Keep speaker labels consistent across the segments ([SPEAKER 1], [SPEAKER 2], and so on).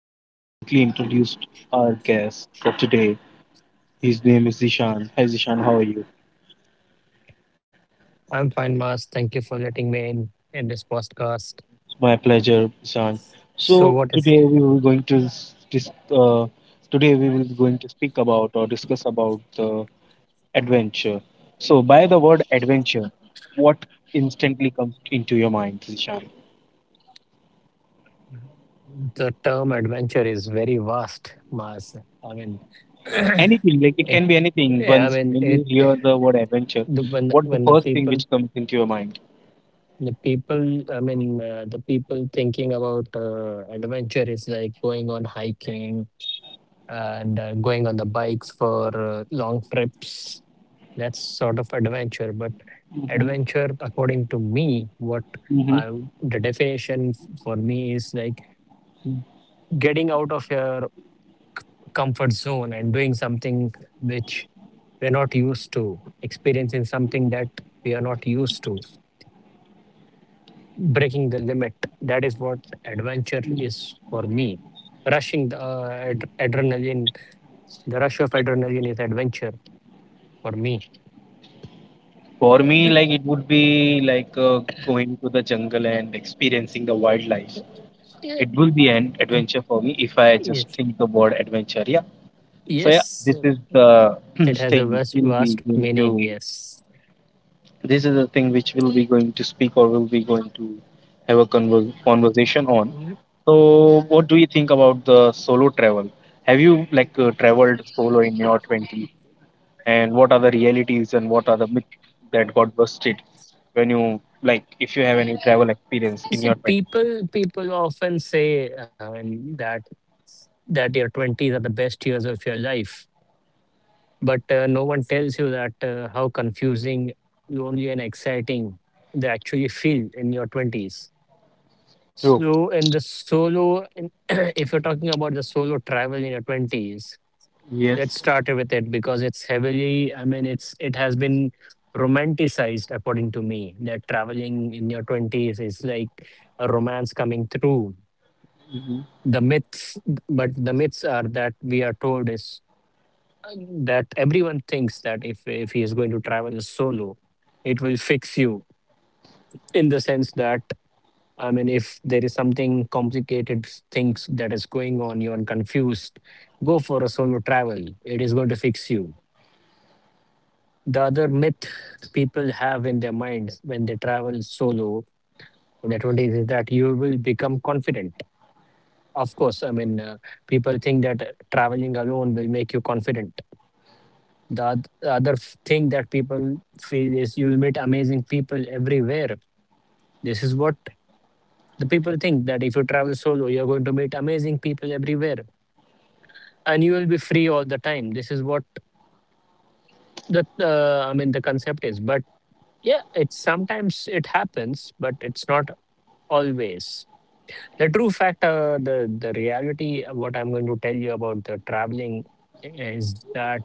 [SPEAKER 1] And quickly introduced our guest for today. His name is Ishan. Hi, Ishan, how are you?
[SPEAKER 2] I'm fine, Mas. Thank you for letting me in this podcast.
[SPEAKER 1] My pleasure, Ishan.
[SPEAKER 2] So, what is
[SPEAKER 1] So today we will going to s- dis- uh, today we will be going to speak about or discuss about the adventure. So by the word adventure, what instantly comes into your mind, Ishan?
[SPEAKER 2] the term adventure is very vast, Mas. I mean, it.
[SPEAKER 1] Anything, like it can be anything.
[SPEAKER 2] Yeah, I
[SPEAKER 1] Once
[SPEAKER 2] mean,
[SPEAKER 1] when you
[SPEAKER 2] it.
[SPEAKER 1] hear the word adventure,
[SPEAKER 2] The, when the-
[SPEAKER 1] what the
[SPEAKER 2] when the
[SPEAKER 1] first thing which
[SPEAKER 2] people,
[SPEAKER 1] comes into your mind?
[SPEAKER 2] the people. I mean, the people thinking about adventure is like going on hiking and going on the bikes for long trips. That's sort of adventure. But
[SPEAKER 1] Hmm.
[SPEAKER 2] adventure, according to me, what
[SPEAKER 1] Hmm.
[SPEAKER 2] the definition for me is like getting out of your comfort zone and doing something which we're not used to, experiencing something that we are not used to, breaking the limit. That is what adventure is for me. Rushing the adrenaline, the rush of adrenaline is adventure for me.
[SPEAKER 1] For me, like it would be like going to the jungle and experiencing the wildlife.
[SPEAKER 2] Yeah.
[SPEAKER 1] It will be an adventure for me if I just
[SPEAKER 2] Yes.
[SPEAKER 1] think the word adventure. Yeah. So yeah,
[SPEAKER 2] Yes.
[SPEAKER 1] this is the
[SPEAKER 2] It has
[SPEAKER 1] thing
[SPEAKER 2] a vast,
[SPEAKER 1] we'll be
[SPEAKER 2] vast
[SPEAKER 1] going to.
[SPEAKER 2] meaning, yes.
[SPEAKER 1] This is the thing which we'll be going to speak or we'll be going to have a conversation on.
[SPEAKER 2] Mhm.
[SPEAKER 1] So, what
[SPEAKER 2] I
[SPEAKER 1] do you think about the solo travel? Have you like traveled solo in your 20s? And what are the realities and what are the myths that got busted when you, like if you have any travel experience in
[SPEAKER 2] see,
[SPEAKER 1] your 20s?
[SPEAKER 2] people often say that your 20s are the best years of your life, but no one tells you that how confusing, lonely, and exciting they actually feel in your 20s.
[SPEAKER 1] True.
[SPEAKER 2] So, in the solo, in, if you're talking about the solo travel in your 20s, let's
[SPEAKER 1] Yes.
[SPEAKER 2] start with it because it's heavily, I mean, it's it has been romanticized according to me, that traveling in your 20s is like a romance coming through.
[SPEAKER 1] Hmm.
[SPEAKER 2] The myths, but the myths are that we are told is uh, that everyone thinks that if he is going to travel solo, it will fix you in the sense that, I mean, if there is something complicated things that is going on, you are confused, go for a solo travel. It is going to fix you. The other myth people have in their mind when they travel solo in their 20s is that you will become confident. Of course, I mean, people think that traveling alone will make you confident. The other thing that people feel is you'll meet amazing people everywhere. This is what the people think, that if you travel solo, you're going to meet amazing people everywhere, and you will be free all the time. This is what the, I mean, the concept is. But yeah, it's sometimes it happens, but it's not always the true fact. The reality, what I'm going to tell you about the traveling is that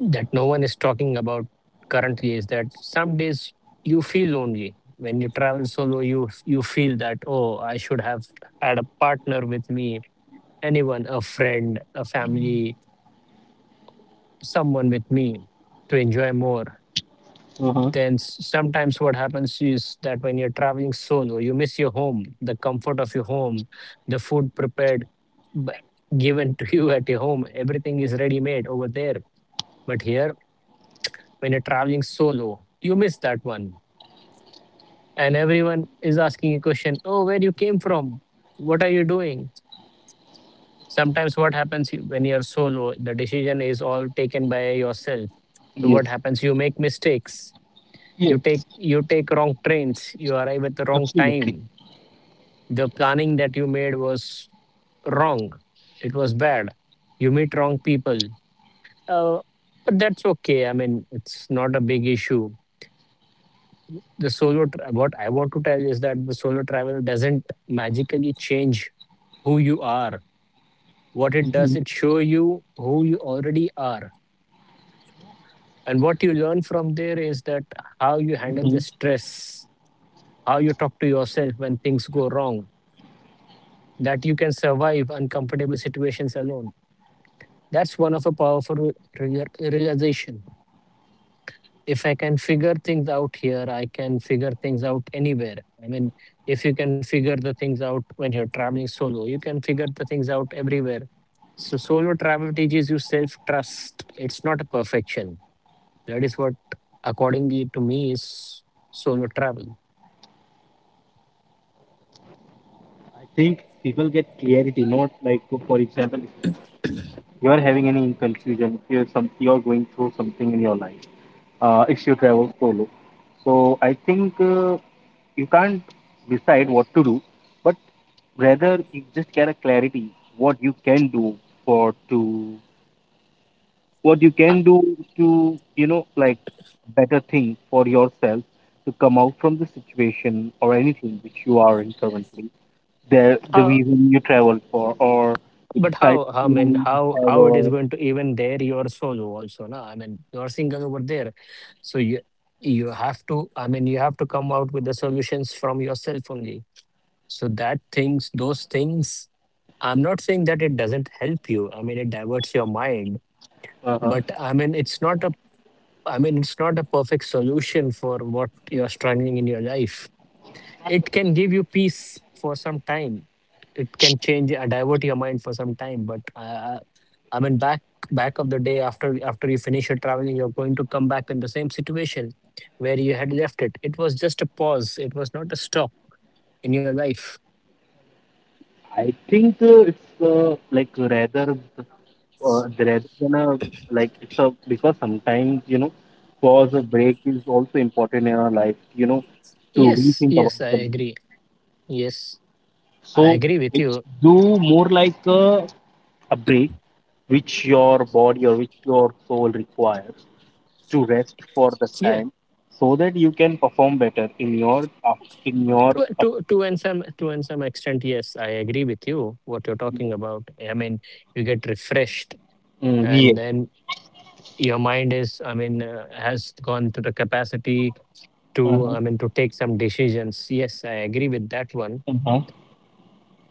[SPEAKER 2] that no one is talking about currently, is that some days you feel lonely when you travel solo. You feel that, oh, I should have had a partner with me, anyone, a friend, a family, someone with me, to enjoy more.
[SPEAKER 1] Uh-huh.
[SPEAKER 2] Then sometimes what happens is that when you're traveling solo, you miss your home, the comfort of your home, the food prepared, b- given to you at your home. Everything is ready made over there. But here, when you're traveling solo, you miss that one. And everyone is asking a question, oh, where you came from? What are you doing? Sometimes what happens, when you're solo, the decision is all taken by yourself. So what
[SPEAKER 1] Yes.
[SPEAKER 2] happens? You make mistakes. you take
[SPEAKER 1] Yes.
[SPEAKER 2] you take wrong trains, you arrive at the wrong
[SPEAKER 1] Absolutely.
[SPEAKER 2] time. The planning that you made was wrong. It was bad. You meet wrong people. Uh, but that's okay. I mean, it's not a big issue. What I want to tell is that the solo travel doesn't magically change who you are. What it does,
[SPEAKER 1] Mm-hmm.
[SPEAKER 2] it show you who you already are. And what you learn from there is that how you handle
[SPEAKER 1] Hmm.
[SPEAKER 2] the stress, how you talk to yourself when things go wrong, that you can survive uncomfortable situations alone. That's one of a powerful realization. If I can figure things out here, I can figure things out anywhere. I mean, if you can figure the things out when you're traveling solo, you can figure the things out everywhere. So, solo travel teaches you self trust. It's not a perfection. That is what, accordingly to me, is solo travel.
[SPEAKER 1] I think people get clarity, not like for example, if you are having any confusion, if you're going through something in your life. If you travel solo. So I think, you can't decide what to do, but rather you just get a clarity what you can do for to what you
[SPEAKER 2] Uh,
[SPEAKER 1] can do to like better thing for yourself to come out from the situation or anything which you are in currently. The
[SPEAKER 2] uh,
[SPEAKER 1] reason you travel for, or you
[SPEAKER 2] But how,
[SPEAKER 1] decide
[SPEAKER 2] I mean,
[SPEAKER 1] to have
[SPEAKER 2] how it is
[SPEAKER 1] a
[SPEAKER 2] going to, even there your solo also, no? I mean, you're single over there, so you have to, I mean, you have to come out with the solutions from yourself only. So that things, those things, I'm not saying that it doesn't help you. I mean, it diverts your mind,
[SPEAKER 1] uh
[SPEAKER 2] but I mean, it's not a, I mean, it's not a perfect solution for what you're struggling in your life. It can give you peace for some time, it can change, divert your mind for some time, but I mean, back of the day, after you finish your traveling, you're going to come back in the same situation where you had left it. It was just a pause, it was not a stop in your life.
[SPEAKER 1] I think, it's, like rather the, uh, rather than a, like it's a, because sometimes pause, a break is also important in our life, you know
[SPEAKER 2] Yes,
[SPEAKER 1] to
[SPEAKER 2] yes,
[SPEAKER 1] rethink
[SPEAKER 2] I
[SPEAKER 1] about
[SPEAKER 2] agree.
[SPEAKER 1] the life.
[SPEAKER 2] Yes, I
[SPEAKER 1] So
[SPEAKER 2] agree with you.
[SPEAKER 1] it's do more like a break, which your body or which your soul requires to rest for the
[SPEAKER 2] Yeah.
[SPEAKER 1] time so that you can perform better in your up. in your up,
[SPEAKER 2] To and some, to and some extent, yes, I agree with you what you're talking about. I mean, you get refreshed,
[SPEAKER 1] mm, yeah.
[SPEAKER 2] and then your mind is, I mean, has gone to the capacity to,
[SPEAKER 1] Uh-huh.
[SPEAKER 2] I mean, to take some decisions. Yes, I agree with that one.
[SPEAKER 1] Uh-huh.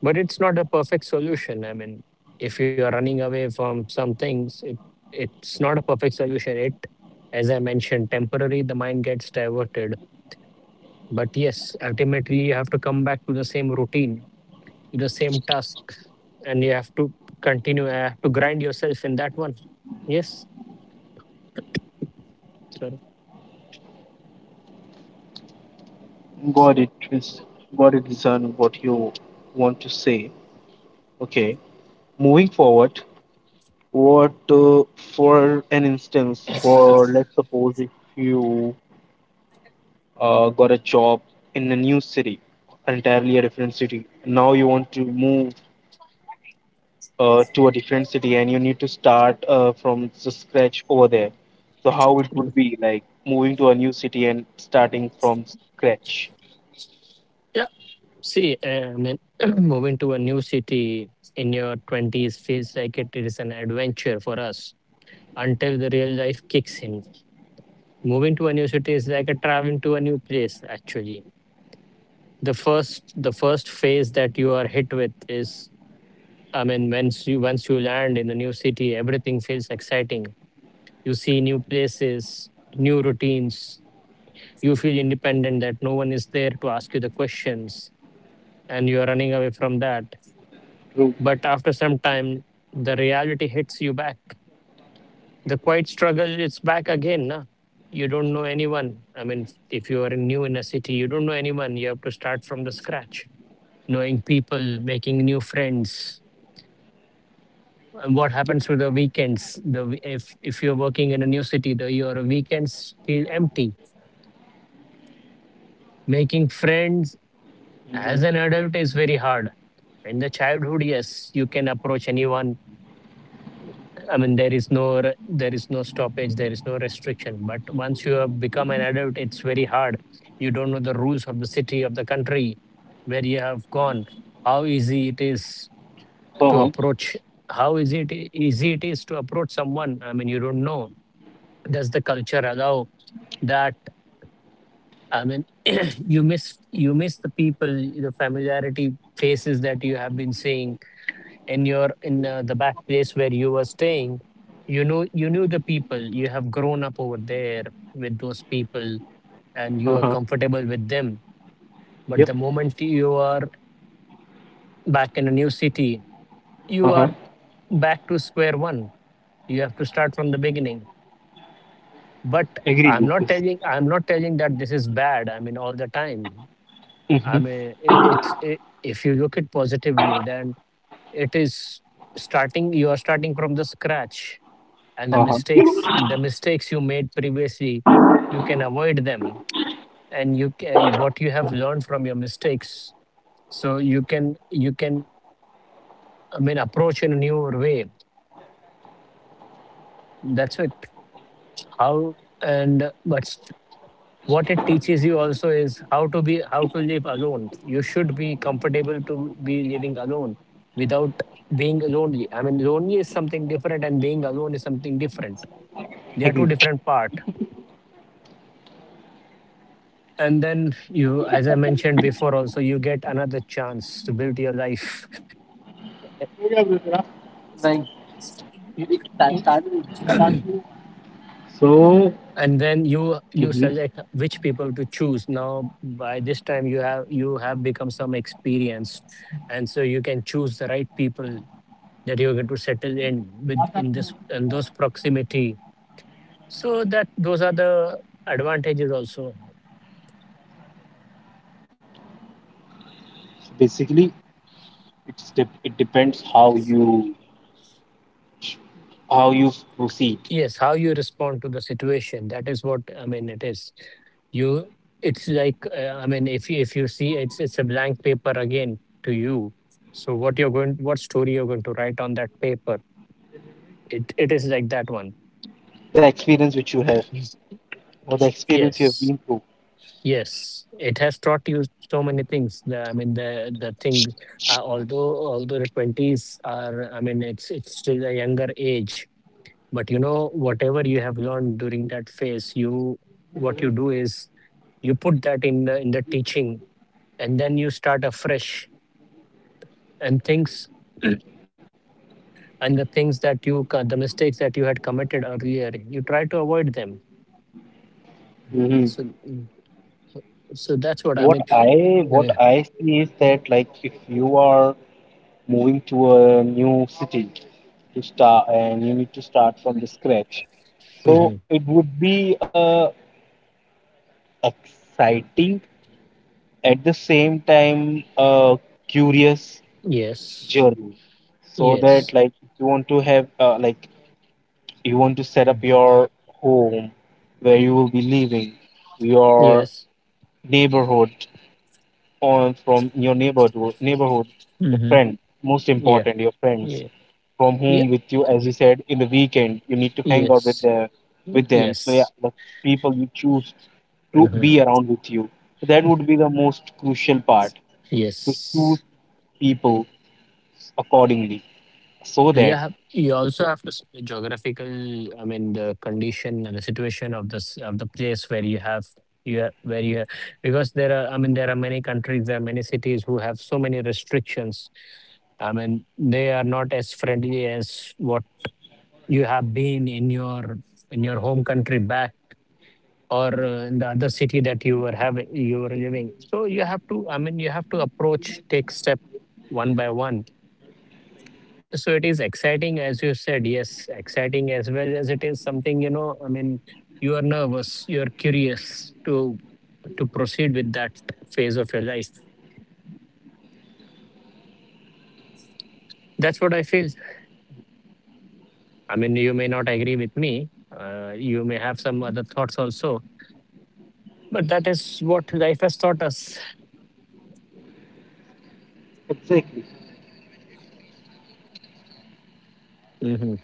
[SPEAKER 2] But it's not a perfect solution. I mean, if you are running away from some things, it's not a perfect solution. It as I mentioned, temporary the mind gets diverted, but yes, ultimately you have to come back to the same routine, to the same task, and you have to continue to grind yourself in that one. Yes, sir.
[SPEAKER 1] got it Chris. Got it Zan, what you want to say. Okay. Moving forward, what, for an instance, for let's suppose if you got a job in a new city, entirely a different city. Now you want to move to a different city and you need to start from the scratch over there. So how it would be like moving to a new city and starting from scratch?
[SPEAKER 2] See, and then moving to a new city in your 20s feels like it is an adventure for us until the real life kicks in. Moving to a new city is like a traveling to a new place actually. The first phase that you are hit with is, I mean, once you land in a new city, everything feels exciting. You see new places, new routines, you feel independent that no one is there to ask you the questions, and you are running away from that.
[SPEAKER 1] True.
[SPEAKER 2] But after some time, the reality hits you back. The quiet struggle is back again. Na? You don't know anyone. I mean, if you are new in a city, you don't know anyone. You have to start from the scratch, knowing people, making new friends. And what happens with the weekends? If you're working in a new city, the your weekends feel empty. Making friends as
[SPEAKER 1] Hmm.
[SPEAKER 2] an adult is very hard. In the childhood, yes, you can approach anyone. I mean, there is no there is no stoppage, there is no restriction. But once you have become an adult, it's very hard. You don't know the rules of the city, of the country, where you have gone. How easy it is to
[SPEAKER 1] Uh-huh.
[SPEAKER 2] approach. How easy it easy it is to approach someone. I mean, you don't know. Does the culture allow that? I mean, you miss, the people, the familiarity, faces that you have been seeing in your, in the back place where you were staying. You know, you knew the people, you have grown up over there with those people,
[SPEAKER 1] Uh
[SPEAKER 2] and
[SPEAKER 1] huh.
[SPEAKER 2] you are comfortable with them.
[SPEAKER 1] Yep.
[SPEAKER 2] But the moment you are back in a new city,
[SPEAKER 1] Uh huh.
[SPEAKER 2] you are back to square one, you have to start from the beginning. But
[SPEAKER 1] Agree with
[SPEAKER 2] i'm
[SPEAKER 1] this.
[SPEAKER 2] not telling i'm not telling that this is bad, I mean, all the time.
[SPEAKER 1] Mm-hmm.
[SPEAKER 2] I mean, I- it's I if you look at positively, then it is, starting, you are starting from the scratch, and the
[SPEAKER 1] Uh huh.
[SPEAKER 2] mistakes the mistakes you made previously, you can avoid them, and you can, what you have learned from your mistakes, so you can, I mean, approach in a newer way. That's it. How. And what it teaches you also is how to be, how to live alone. You should be comfortable to be living alone without being lonely. I mean, lonely is something different, and being alone is something different. They are two different parts. And then you, as I mentioned before, also you get another chance to build your life.
[SPEAKER 1] Agree.
[SPEAKER 2] You, you,
[SPEAKER 1] So,
[SPEAKER 2] and then you
[SPEAKER 1] mhm.
[SPEAKER 2] select which people to choose. Now by this time you have, you have become some experience, and so you can choose the right people that you're going to settle in with, in this, in those proximity. So that those are the advantages also.
[SPEAKER 1] So basically, it's it depends how you proceed,
[SPEAKER 2] Yes, how you respond to the situation. That is what I mean. It is you. It's like I mean, if you see, it's a blank paper again to you. So what you're going, what story you're going to write on that paper? It is like that one.
[SPEAKER 1] the experience which you have,
[SPEAKER 2] Yes,
[SPEAKER 1] or the experience you have
[SPEAKER 2] yes.
[SPEAKER 1] been through.
[SPEAKER 2] Yes. It has taught you so many things. The, I mean, the thing. Although the twenties are, I mean, it's still a younger age. But you know, whatever you have learned during that phase, you what you do is you put that in the teaching and then you start afresh and things and the things that the mistakes that you had committed earlier you try to avoid them.
[SPEAKER 1] Hmm.
[SPEAKER 2] So so that's what I
[SPEAKER 1] What
[SPEAKER 2] mean.
[SPEAKER 1] I what
[SPEAKER 2] Yeah.
[SPEAKER 1] I see is that like if you are moving to a new city to start and you need to start from the scratch, so
[SPEAKER 2] Mhm.
[SPEAKER 1] it would be exciting, at the same time, uh, curious
[SPEAKER 2] Yes,
[SPEAKER 1] journey, so
[SPEAKER 2] yes.
[SPEAKER 1] that like you want to have, like you want to set up
[SPEAKER 2] Mm.
[SPEAKER 1] your home where you will be living, your
[SPEAKER 2] Yes.
[SPEAKER 1] neighborhood on from your neighborhood neighborhood, your
[SPEAKER 2] Hmm.
[SPEAKER 1] friend, most
[SPEAKER 2] Yeah,
[SPEAKER 1] important your friends,
[SPEAKER 2] yeah,
[SPEAKER 1] from
[SPEAKER 2] yeah.
[SPEAKER 1] whom with you, as you said, in the weekend you need to hang out with
[SPEAKER 2] Yes,
[SPEAKER 1] the, with them. So
[SPEAKER 2] yes.
[SPEAKER 1] yeah, the people you choose to
[SPEAKER 2] Hmm.
[SPEAKER 1] be around with you, that would be the most crucial part, to
[SPEAKER 2] Yes.
[SPEAKER 1] choose people accordingly so
[SPEAKER 2] You
[SPEAKER 1] that.
[SPEAKER 2] have you also have to see the geographical, I mean, the condition and the situation of this of the place where you have where you have, because there are, I mean, there are many countries, there are many cities who have so many restrictions. I mean, they are not as friendly as what you have been in your home country back, or in the other city that you were having you were living. So you have to, I mean, you have to approach take step one by one. So it is exciting, as you said. Yes, exciting as well as it is something, you know, I mean, you are nervous, you're curious to proceed with that phase of your life. That's what I feel. I mean, you may not agree with me. You may have some other thoughts also, but that is what life has taught us.
[SPEAKER 1] Exactly.
[SPEAKER 2] Hmm.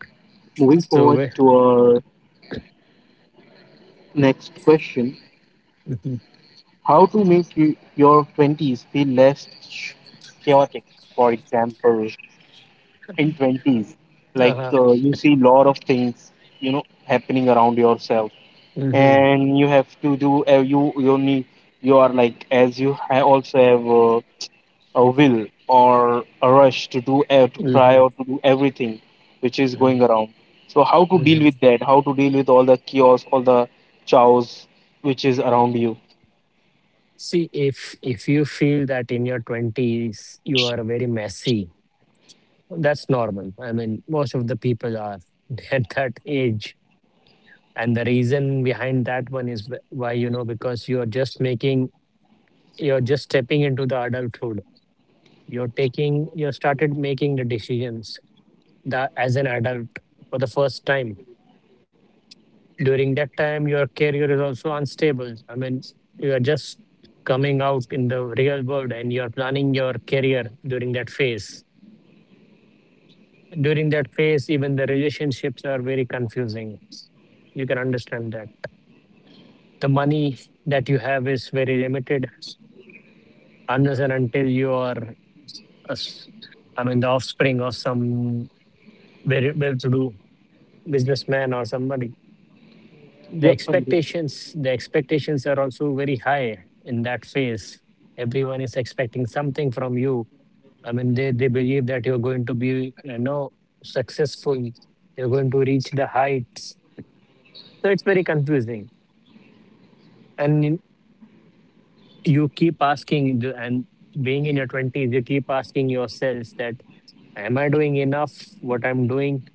[SPEAKER 1] Moving forward to
[SPEAKER 2] So, we-
[SPEAKER 1] our next question.
[SPEAKER 2] Mhm.
[SPEAKER 1] How to make your 20s feel less chaotic? For example, in 20s, like
[SPEAKER 2] Uh-huh.
[SPEAKER 1] you see lot of things, happening around yourself,
[SPEAKER 2] Hmm.
[SPEAKER 1] and you have to do, you need, you are like, as you also have a will or a rush to do, to try
[SPEAKER 2] Hmm.
[SPEAKER 1] or to do everything which is going around. So how to
[SPEAKER 2] Hmm.
[SPEAKER 1] deal with that, how to deal with all the chaos which is around you.
[SPEAKER 2] See, if you feel that in your twenties you are very messy, that's normal. I mean, most of the people are at that age. And the reason behind that one is why, you know, because you're just making, you're just stepping into the adulthood. You're taking, you started making the decisions that as an adult for the first time. During that time, your career is also unstable. I mean, you are just coming out in the real world and you're planning your career during that phase. During that phase even the relationships are very confusing. You can understand that the money that you have is very limited unless and until you are a s- I mean the offspring of some very well-to-do businessman or somebody. the
[SPEAKER 1] Yep, Pandit.
[SPEAKER 2] expectations the expectations are also very high in that phase. Everyone is expecting something from you. I mean, they believe that you're going to be, you know, successful, you're going to reach the heights. So it's very confusing. And you keep asking, and being in your 20s, you keep asking yourselves that, am I doing enough, what I'm doing?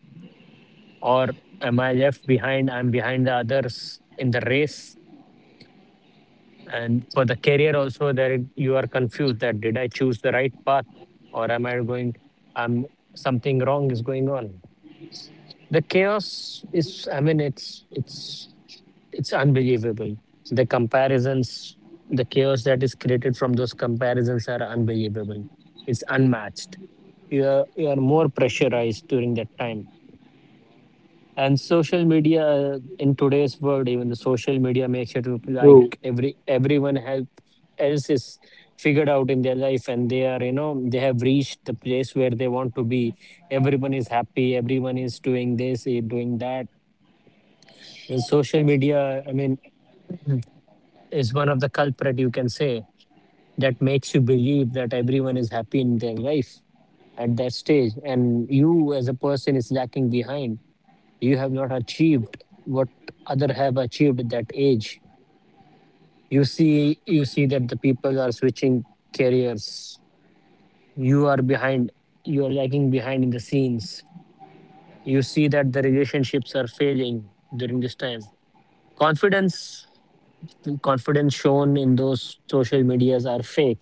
[SPEAKER 2] Or am I left behind? I'm behind the others in the race. And for the career also, you are confused that did I choose the right path, or am I going, um, something wrong is going on. The chaos is, I mean, it's unbelievable. The comparisons, the chaos that is created from those comparisons are unbelievable. It's unmatched. You are more pressurized during that time. And social media, in today's world, even the social media makes it look like
[SPEAKER 1] True.
[SPEAKER 2] everyone has, else is figured out in their life, and they are, you know, they have reached the place where they want to be. Everyone is happy. Everyone is doing this, doing that. And social media, I mean, is one of the culprit you can say that makes you believe that everyone is happy in their life at that stage, and you as a person is lacking behind. You have not achieved what other have achieved at that age. You see that the people are switching careers. You are behind. You are lagging behind in the scenes. You see that the relationships are failing during this time. Confidence confidence shown in those social medias are fake.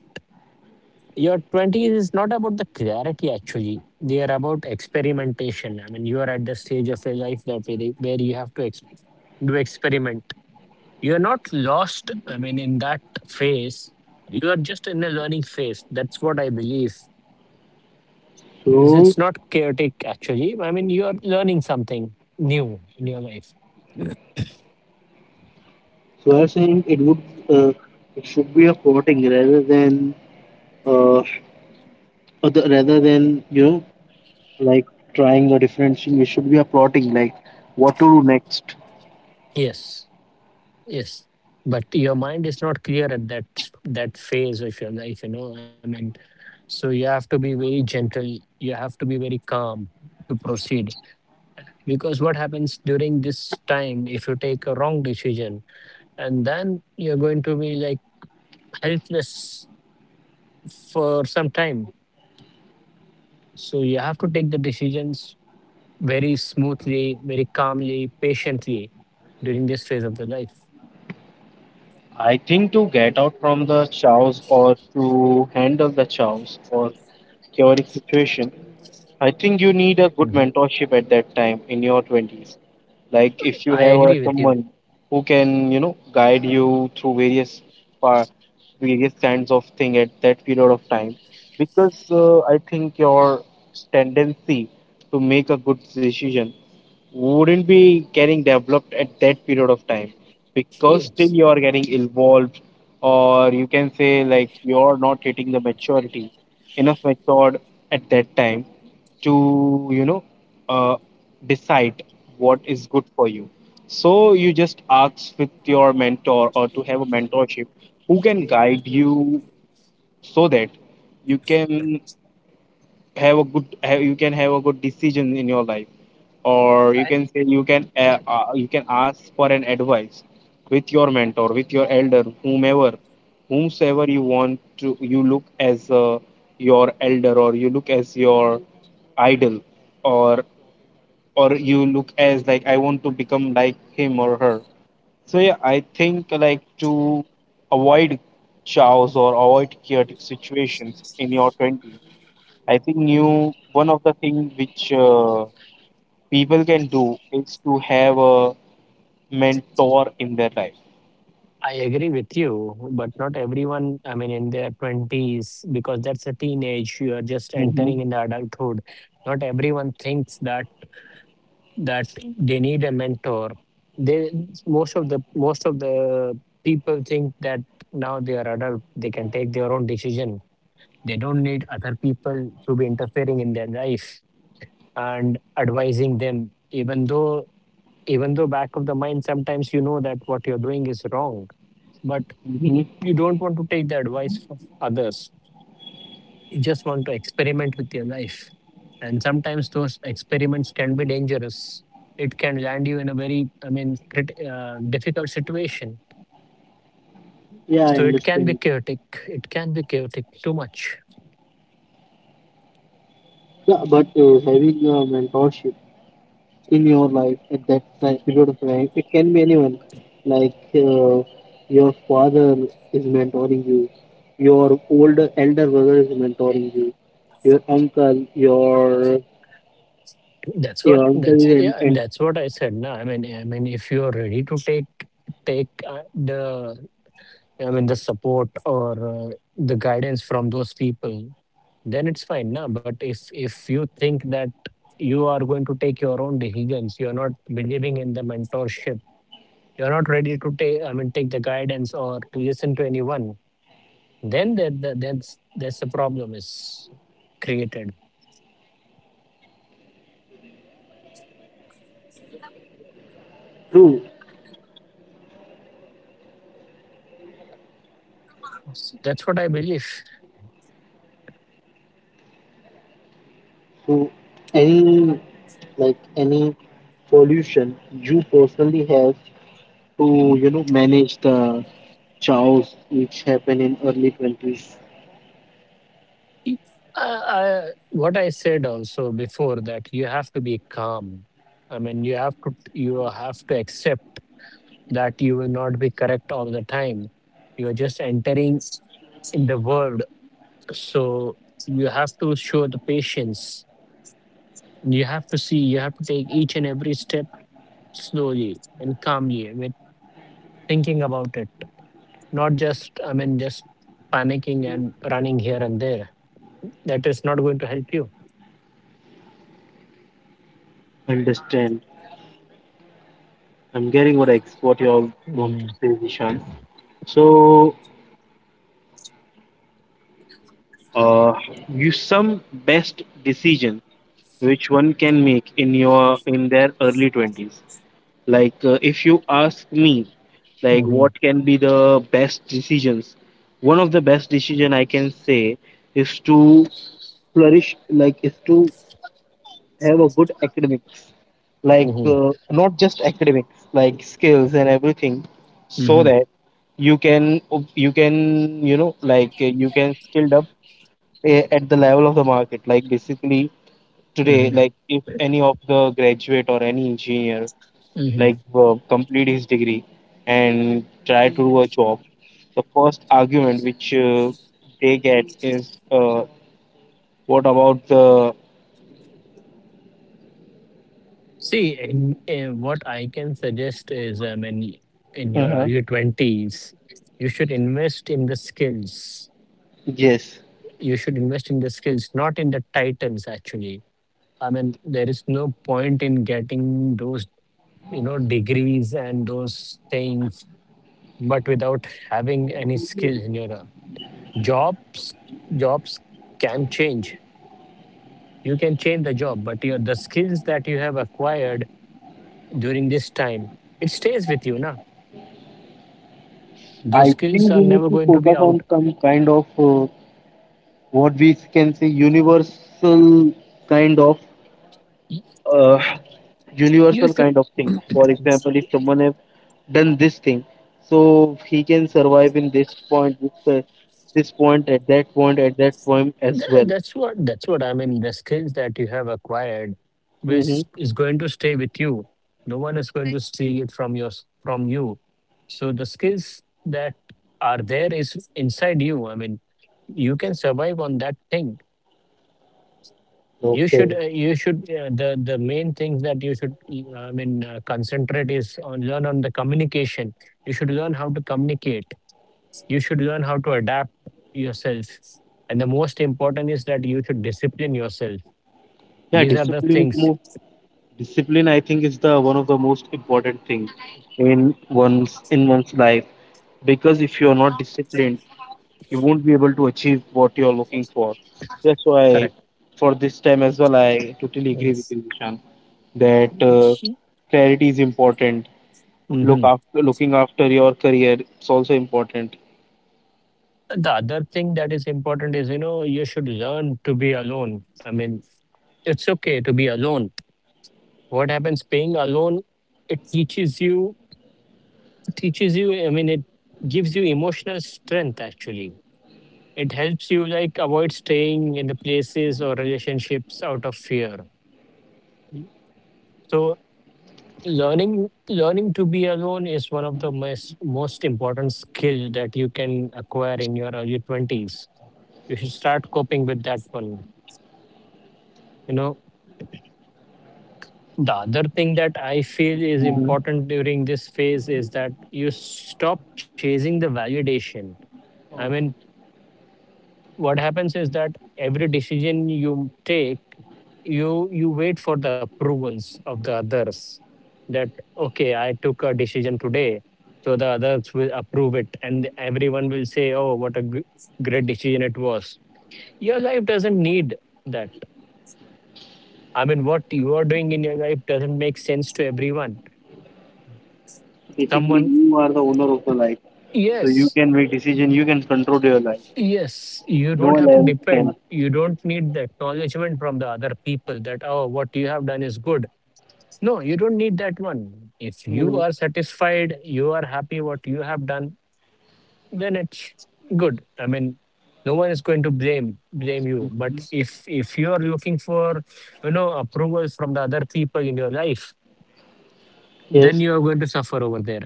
[SPEAKER 2] Your 20s is not about the clarity, actually. They are about experimentation. I mean, you are at the stage of your life that where you have to do experiment. You're not lost, I mean, in that phase. You are just in a learning phase. That's what I believe. It's
[SPEAKER 1] So,
[SPEAKER 2] it's not chaotic, actually. I mean, you are learning something new in your life.
[SPEAKER 1] so, I was saying, uh, it should be a plotting, rather than, uh, rather than, like trying a different thing. It should be a plotting, like what to do next.
[SPEAKER 2] Yes. Yes, but your mind is not clear at that phase of your life, you know. I mean, so you have to be very gentle. You have to be very calm to proceed, because what happens during this time if you take a wrong decision and then you're going to be like helpless for some time. So you have to take the decisions very smoothly, very calmly, patiently during this phase of the life.
[SPEAKER 1] I think to get out from the chaos, or to handle the chaos or chaotic situation, I
[SPEAKER 2] Mhm.
[SPEAKER 1] think you need a good mentorship at that time in your 20s.
[SPEAKER 2] I agree
[SPEAKER 1] Like
[SPEAKER 2] with
[SPEAKER 1] if
[SPEAKER 2] you.
[SPEAKER 1] you have someone who can, guide you through various par- various kinds of thing at that period of time, because I think your tendency to make a good decision wouldn't be getting developed at that period of time,
[SPEAKER 2] Yes.
[SPEAKER 1] because still you are getting involved, or you can say like you're not hitting the maturity, enough matured at that time, to uh, decide what is good for you. So you just ask with your mentor, or to have a mentorship who can guide you so that you can have a good decision in your life. Or you can say, you can ask for an advice with your mentor, with your elder, whomever whomsoever you want to you look as, your elder, or you look as your idol, or or you look as like I want to become like him or her. So yeah, I think like to avoid chaos or avoid chaotic situations in your 20s, I think, you, one of the things which, people can do is to have a mentor in their life.
[SPEAKER 2] I agree with you, but not everyone, I mean, in their 20s, because that's a teenage, you are just
[SPEAKER 1] Mm-hmm.
[SPEAKER 2] entering in the adulthood. Not everyone thinks that that they need a mentor. They most of the people think that now they are adult, they can take their own decision. They don't need other people to be interfering in their life and advising them, even though back of the mind sometimes you know that what you're doing is wrong. But
[SPEAKER 1] Mm-hmm.
[SPEAKER 2] you don't want to take the advice of others. You just want to experiment with your life. And sometimes those experiments can be dangerous. It can land you in a very, I mean, difficult situation.
[SPEAKER 1] Yeah, I
[SPEAKER 2] So it can be
[SPEAKER 1] understand.
[SPEAKER 2] chaotic. It can be chaotic too much.
[SPEAKER 1] Yeah, but having a mentorship in your life at that time, period of time, it can be anyone. Like, your father is mentoring you, your older elder brother is mentoring you, your uncle, your
[SPEAKER 2] That's what.
[SPEAKER 1] your uncle
[SPEAKER 2] That's
[SPEAKER 1] is and,
[SPEAKER 2] yeah.
[SPEAKER 1] and
[SPEAKER 2] That's what I said. Now, I mean, if you are ready to take the, I mean, the support, or the guidance from those people, then it's fine, na. But if you think that you are going to take your own decisions, you are not believing in the mentorship, you are not ready to take, I mean, take the guidance or to listen to anyone, then that's the problem is created.
[SPEAKER 1] True.
[SPEAKER 2] That's what I believe.
[SPEAKER 1] So any, like any pollution you personally have to, manage the chaos which happen in early 20s.
[SPEAKER 2] What I said also before that you have to be calm. I mean, you have to accept that you will not be correct all the time. You're just entering in the world. So you have to show the patience. You have to take each and every step slowly and calmly with thinking about it. Not just, I mean, just panicking and running here and there. That is not going to help you.
[SPEAKER 1] Understand, I'm getting what what you all want
[SPEAKER 2] Mm-hmm.
[SPEAKER 1] to say, Nishant. So uh you some best decision which one can make in your in their early 20s. Like, if you ask me, like,
[SPEAKER 2] Mm-hmm.
[SPEAKER 1] what can be the best decisions? One of the best decision I can say is to flourish, like, is to have a good academics, like,
[SPEAKER 2] Mm-hmm.
[SPEAKER 1] not just academics, like skills and everything, so that you can, you can, like, you can skilled up, at the level of the market. Like, basically, today,
[SPEAKER 2] Mm-hmm.
[SPEAKER 1] like, if any of the graduate or any engineer
[SPEAKER 2] Mm-hmm.
[SPEAKER 1] like complete his degree and try to do a job, the first argument which they get is, what about the.
[SPEAKER 2] In what I can suggest is, I mean, in your
[SPEAKER 1] Uh-huh.
[SPEAKER 2] early 20s, you should invest in the skills.
[SPEAKER 1] Yes,
[SPEAKER 2] You should invest in the skills, not in the titles, actually. I mean, there is no point in getting those, you know, degrees and those things, but without having any skills in your jobs, jobs can change. You can change the job, but your the skills that you have acquired during this time, it stays with you, na? Those skills are
[SPEAKER 1] I
[SPEAKER 2] never going to
[SPEAKER 1] think
[SPEAKER 2] be
[SPEAKER 1] we
[SPEAKER 2] out
[SPEAKER 1] need to
[SPEAKER 2] of
[SPEAKER 1] focus on some kind of, what we can say universal kind of,
[SPEAKER 2] y-
[SPEAKER 1] uh,
[SPEAKER 2] you
[SPEAKER 1] universal
[SPEAKER 2] should
[SPEAKER 1] kind of things. For example, if someone have done this thing, so he can survive in this point, this this point at that point as well.
[SPEAKER 2] that's what I mean. The skills that you have acquired which is going to stay with you, no one is going to steal it from from you. So the skills that are there is inside you, I mean, you can survive on that thing. You should
[SPEAKER 1] Okay.
[SPEAKER 2] you should the main things that you should I mean, concentrate is on learn on the communication. You should learn how to communicate. You should learn how to adapt yourself. And the most important is that you should discipline yourself.
[SPEAKER 1] Yeah,
[SPEAKER 2] These are the
[SPEAKER 1] discipline is
[SPEAKER 2] things.
[SPEAKER 1] more, discipline I think is the one of the most important thing in one's life, because if you are not disciplined, you won't be able to achieve what you are looking for. That's
[SPEAKER 2] Correct.
[SPEAKER 1] why for this time as well, I totally agree with you, Nishan, that clarity is important.
[SPEAKER 2] Hmm.
[SPEAKER 1] Looking after your career is also important.
[SPEAKER 2] The other thing that is important is, you know, you should learn to be alone. I mean, it's okay to be alone. What happens being alone? It teaches you, I mean, it gives you emotional strength, actually. It helps you like avoid staying in the places or relationships out of fear. So. Learning to be alone is one of the most important skill that you can acquire in your early 20s. You should start coping with that one, you know. The other thing that I feel is important during this phase is that you stop chasing the validation. I mean, what happens is that every decision you take, you wait for the approvals of the others, that okay, I took a decision today, so the others will approve it and everyone will say oh what a great decision it was. Your life doesn't need that. I mean, what you are doing in your life doesn't make sense to everyone. Someone.
[SPEAKER 1] Basically, you are the owner of the life, so
[SPEAKER 2] Yes,
[SPEAKER 1] you can make decision. You can control your life.
[SPEAKER 2] yes, you don't
[SPEAKER 1] No
[SPEAKER 2] have to
[SPEAKER 1] one else
[SPEAKER 2] depend,
[SPEAKER 1] can.
[SPEAKER 2] you don't need the acknowledgement from the other people that oh what you have done is good. No, you don't need that one. If you are
[SPEAKER 1] Mhm.
[SPEAKER 2] satisfied, you are happy what you have done, then it's good. I mean, no one is going to blame you. But if you are looking for, approvals from the other people in your life, then you
[SPEAKER 1] Yes.
[SPEAKER 2] are going to suffer over there.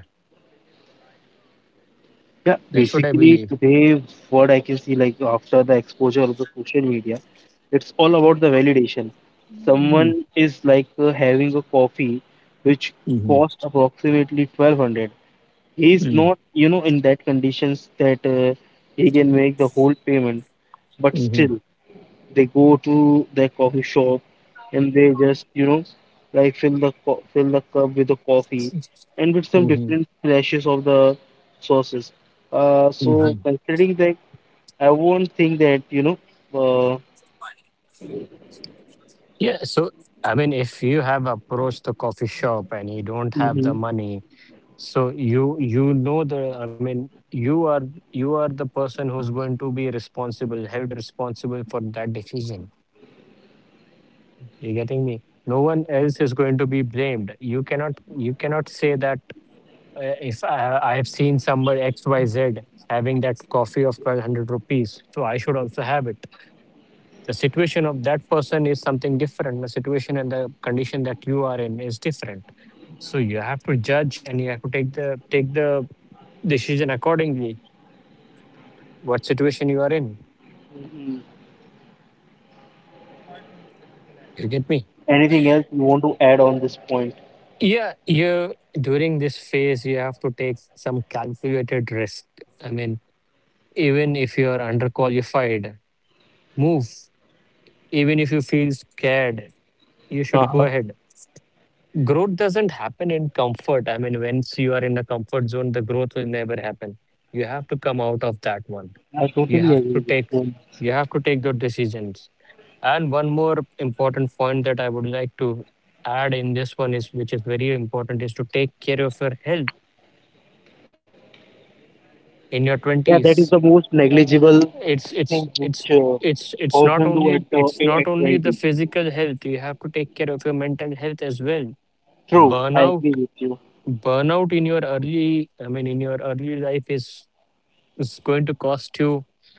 [SPEAKER 1] Yeah,
[SPEAKER 2] That's what I believe.
[SPEAKER 1] basically today what I can see, like after the exposure of the social media, it's all about the validation.
[SPEAKER 2] Mhm.
[SPEAKER 1] Someone is like having a coffee which
[SPEAKER 2] Mhm.
[SPEAKER 1] cost approximately 1200. He
[SPEAKER 2] Mhm.
[SPEAKER 1] is not, in that conditions that he can make the whole payment, but
[SPEAKER 2] Mhm.
[SPEAKER 1] still they go to their coffee shop and they just, like fill the fill the cup with the coffee and with some
[SPEAKER 2] Mhm.
[SPEAKER 1] different flashes of the sauces. Uh,
[SPEAKER 2] Mhm.
[SPEAKER 1] so considering that, I won't think that, uh,
[SPEAKER 2] Yeah. So I mean, if you have approached the coffee shop and you don't have the
[SPEAKER 1] hmm,
[SPEAKER 2] money. So you know the I mean you are the person who's going to be responsible, held responsible for that decision. You getting me? No one else is going to be blamed. You cannot say that if I have seen somebody XYZ having that coffee of 1200 rupees, so I should also have it. The situation of that person is something different. The situation and the condition that you are in is different. So you have to judge and you have to take the decision accordingly what situation you are in. You get me?
[SPEAKER 1] anything else you want to add on this point.
[SPEAKER 2] Yeah, you during this phase you have to take some calculated risk. I mean, even if you are underqualified, move. Even if you feel scared, you should go
[SPEAKER 1] Uh-huh.
[SPEAKER 2] ahead. Growth doesn't happen in comfort. I mean, once you are in a comfort zone, the growth will never happen. You have to come out of that one.
[SPEAKER 1] I
[SPEAKER 2] You have
[SPEAKER 1] totally
[SPEAKER 2] to
[SPEAKER 1] agree with
[SPEAKER 2] take
[SPEAKER 1] you.
[SPEAKER 2] you have to take those decisions. And one more important point that I would like to add in this one is, which is very important, is to take care of your health in your
[SPEAKER 1] Yeah, that is
[SPEAKER 2] twenties.
[SPEAKER 1] the most negligible
[SPEAKER 2] It's it's
[SPEAKER 1] thing
[SPEAKER 2] it's
[SPEAKER 1] which
[SPEAKER 2] it's not
[SPEAKER 1] often
[SPEAKER 2] only
[SPEAKER 1] do at the at
[SPEAKER 2] the
[SPEAKER 1] 20.
[SPEAKER 2] physical health. You have to take care of your mental health as well.
[SPEAKER 1] True, I
[SPEAKER 2] Burnout
[SPEAKER 1] agree with you.
[SPEAKER 2] burnout in your early life is going to cost you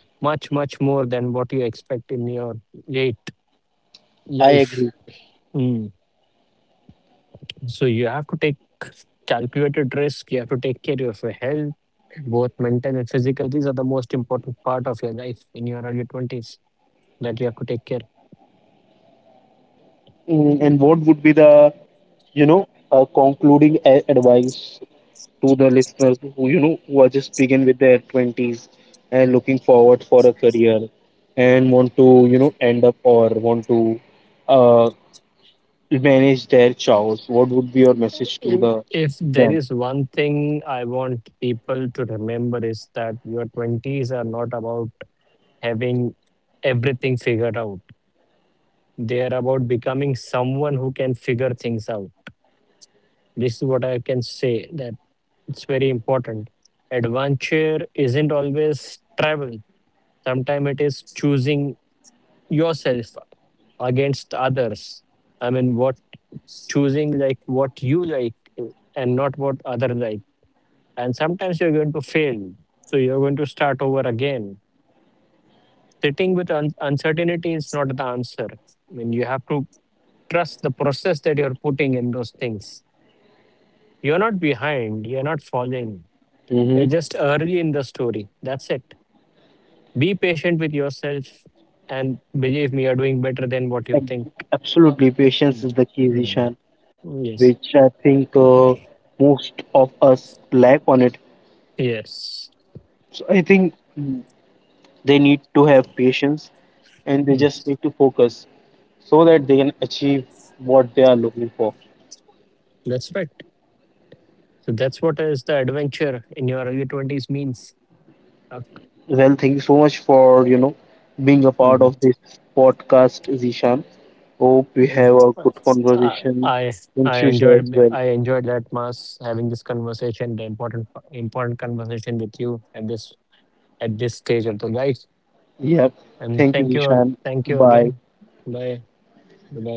[SPEAKER 2] much more than what you expect in your late
[SPEAKER 1] I
[SPEAKER 2] life.
[SPEAKER 1] agree.
[SPEAKER 2] Mm. So you have to take calculated risk. You have to take care of your health, both mental and physical. These are the most important part of your life in your early 20s that you have to take care.
[SPEAKER 1] Mm, and what would be the, a concluding advice to the listeners who are just begin with their 20s and looking forward for a career, and want to, end up, or want to uh, manage their chows. What would be your message
[SPEAKER 2] If,
[SPEAKER 1] to the
[SPEAKER 2] if there is
[SPEAKER 1] them?
[SPEAKER 2] one thing I want people to remember is that your 20s are not about having everything figured out. They are about becoming someone who can figure things out. This is what I can say, that it's very important. Adventure isn't always travel. Sometimes it is choosing yourself against others. I mean, what, choosing like what you like and not what other like. And sometimes you're going to fail, so you're going to start over again. Sitting with uncertainty is not the answer. I mean, you have to trust the process that you're putting in those things. You're not behind. You're not falling. You're
[SPEAKER 1] Mm-hmm.
[SPEAKER 2] just early in the story. That's it. Be patient with yourself, and believe me, you're doing better than what you think.
[SPEAKER 1] Absolutely,
[SPEAKER 2] Mm.
[SPEAKER 1] patience is the key,
[SPEAKER 2] Mm.
[SPEAKER 1] Zishan,
[SPEAKER 2] Yes.
[SPEAKER 1] which I think most of us lack on it.
[SPEAKER 2] Yes,
[SPEAKER 1] So I think they need to have patience and
[SPEAKER 2] mm,
[SPEAKER 1] they just need to focus so that they can achieve what they are looking for.
[SPEAKER 2] that's right. So that's what is the adventure in your early 20s means. Uh,
[SPEAKER 1] Well, thank you so much for being a
[SPEAKER 2] mhm.
[SPEAKER 1] part of this podcast, Zishan. Hope we
[SPEAKER 2] Yeah.
[SPEAKER 1] have a good
[SPEAKER 2] Uh,
[SPEAKER 1] conversation
[SPEAKER 2] I I
[SPEAKER 1] in future as
[SPEAKER 2] enjoyed I
[SPEAKER 1] well.
[SPEAKER 2] enjoyed that mass having this conversation, the important conversation with you at this stage of the life.
[SPEAKER 1] Yep.
[SPEAKER 2] And
[SPEAKER 1] Thank
[SPEAKER 2] thank
[SPEAKER 1] you,
[SPEAKER 2] you
[SPEAKER 1] Zishan.
[SPEAKER 2] thank you again.
[SPEAKER 1] Bye.
[SPEAKER 2] Bye bye.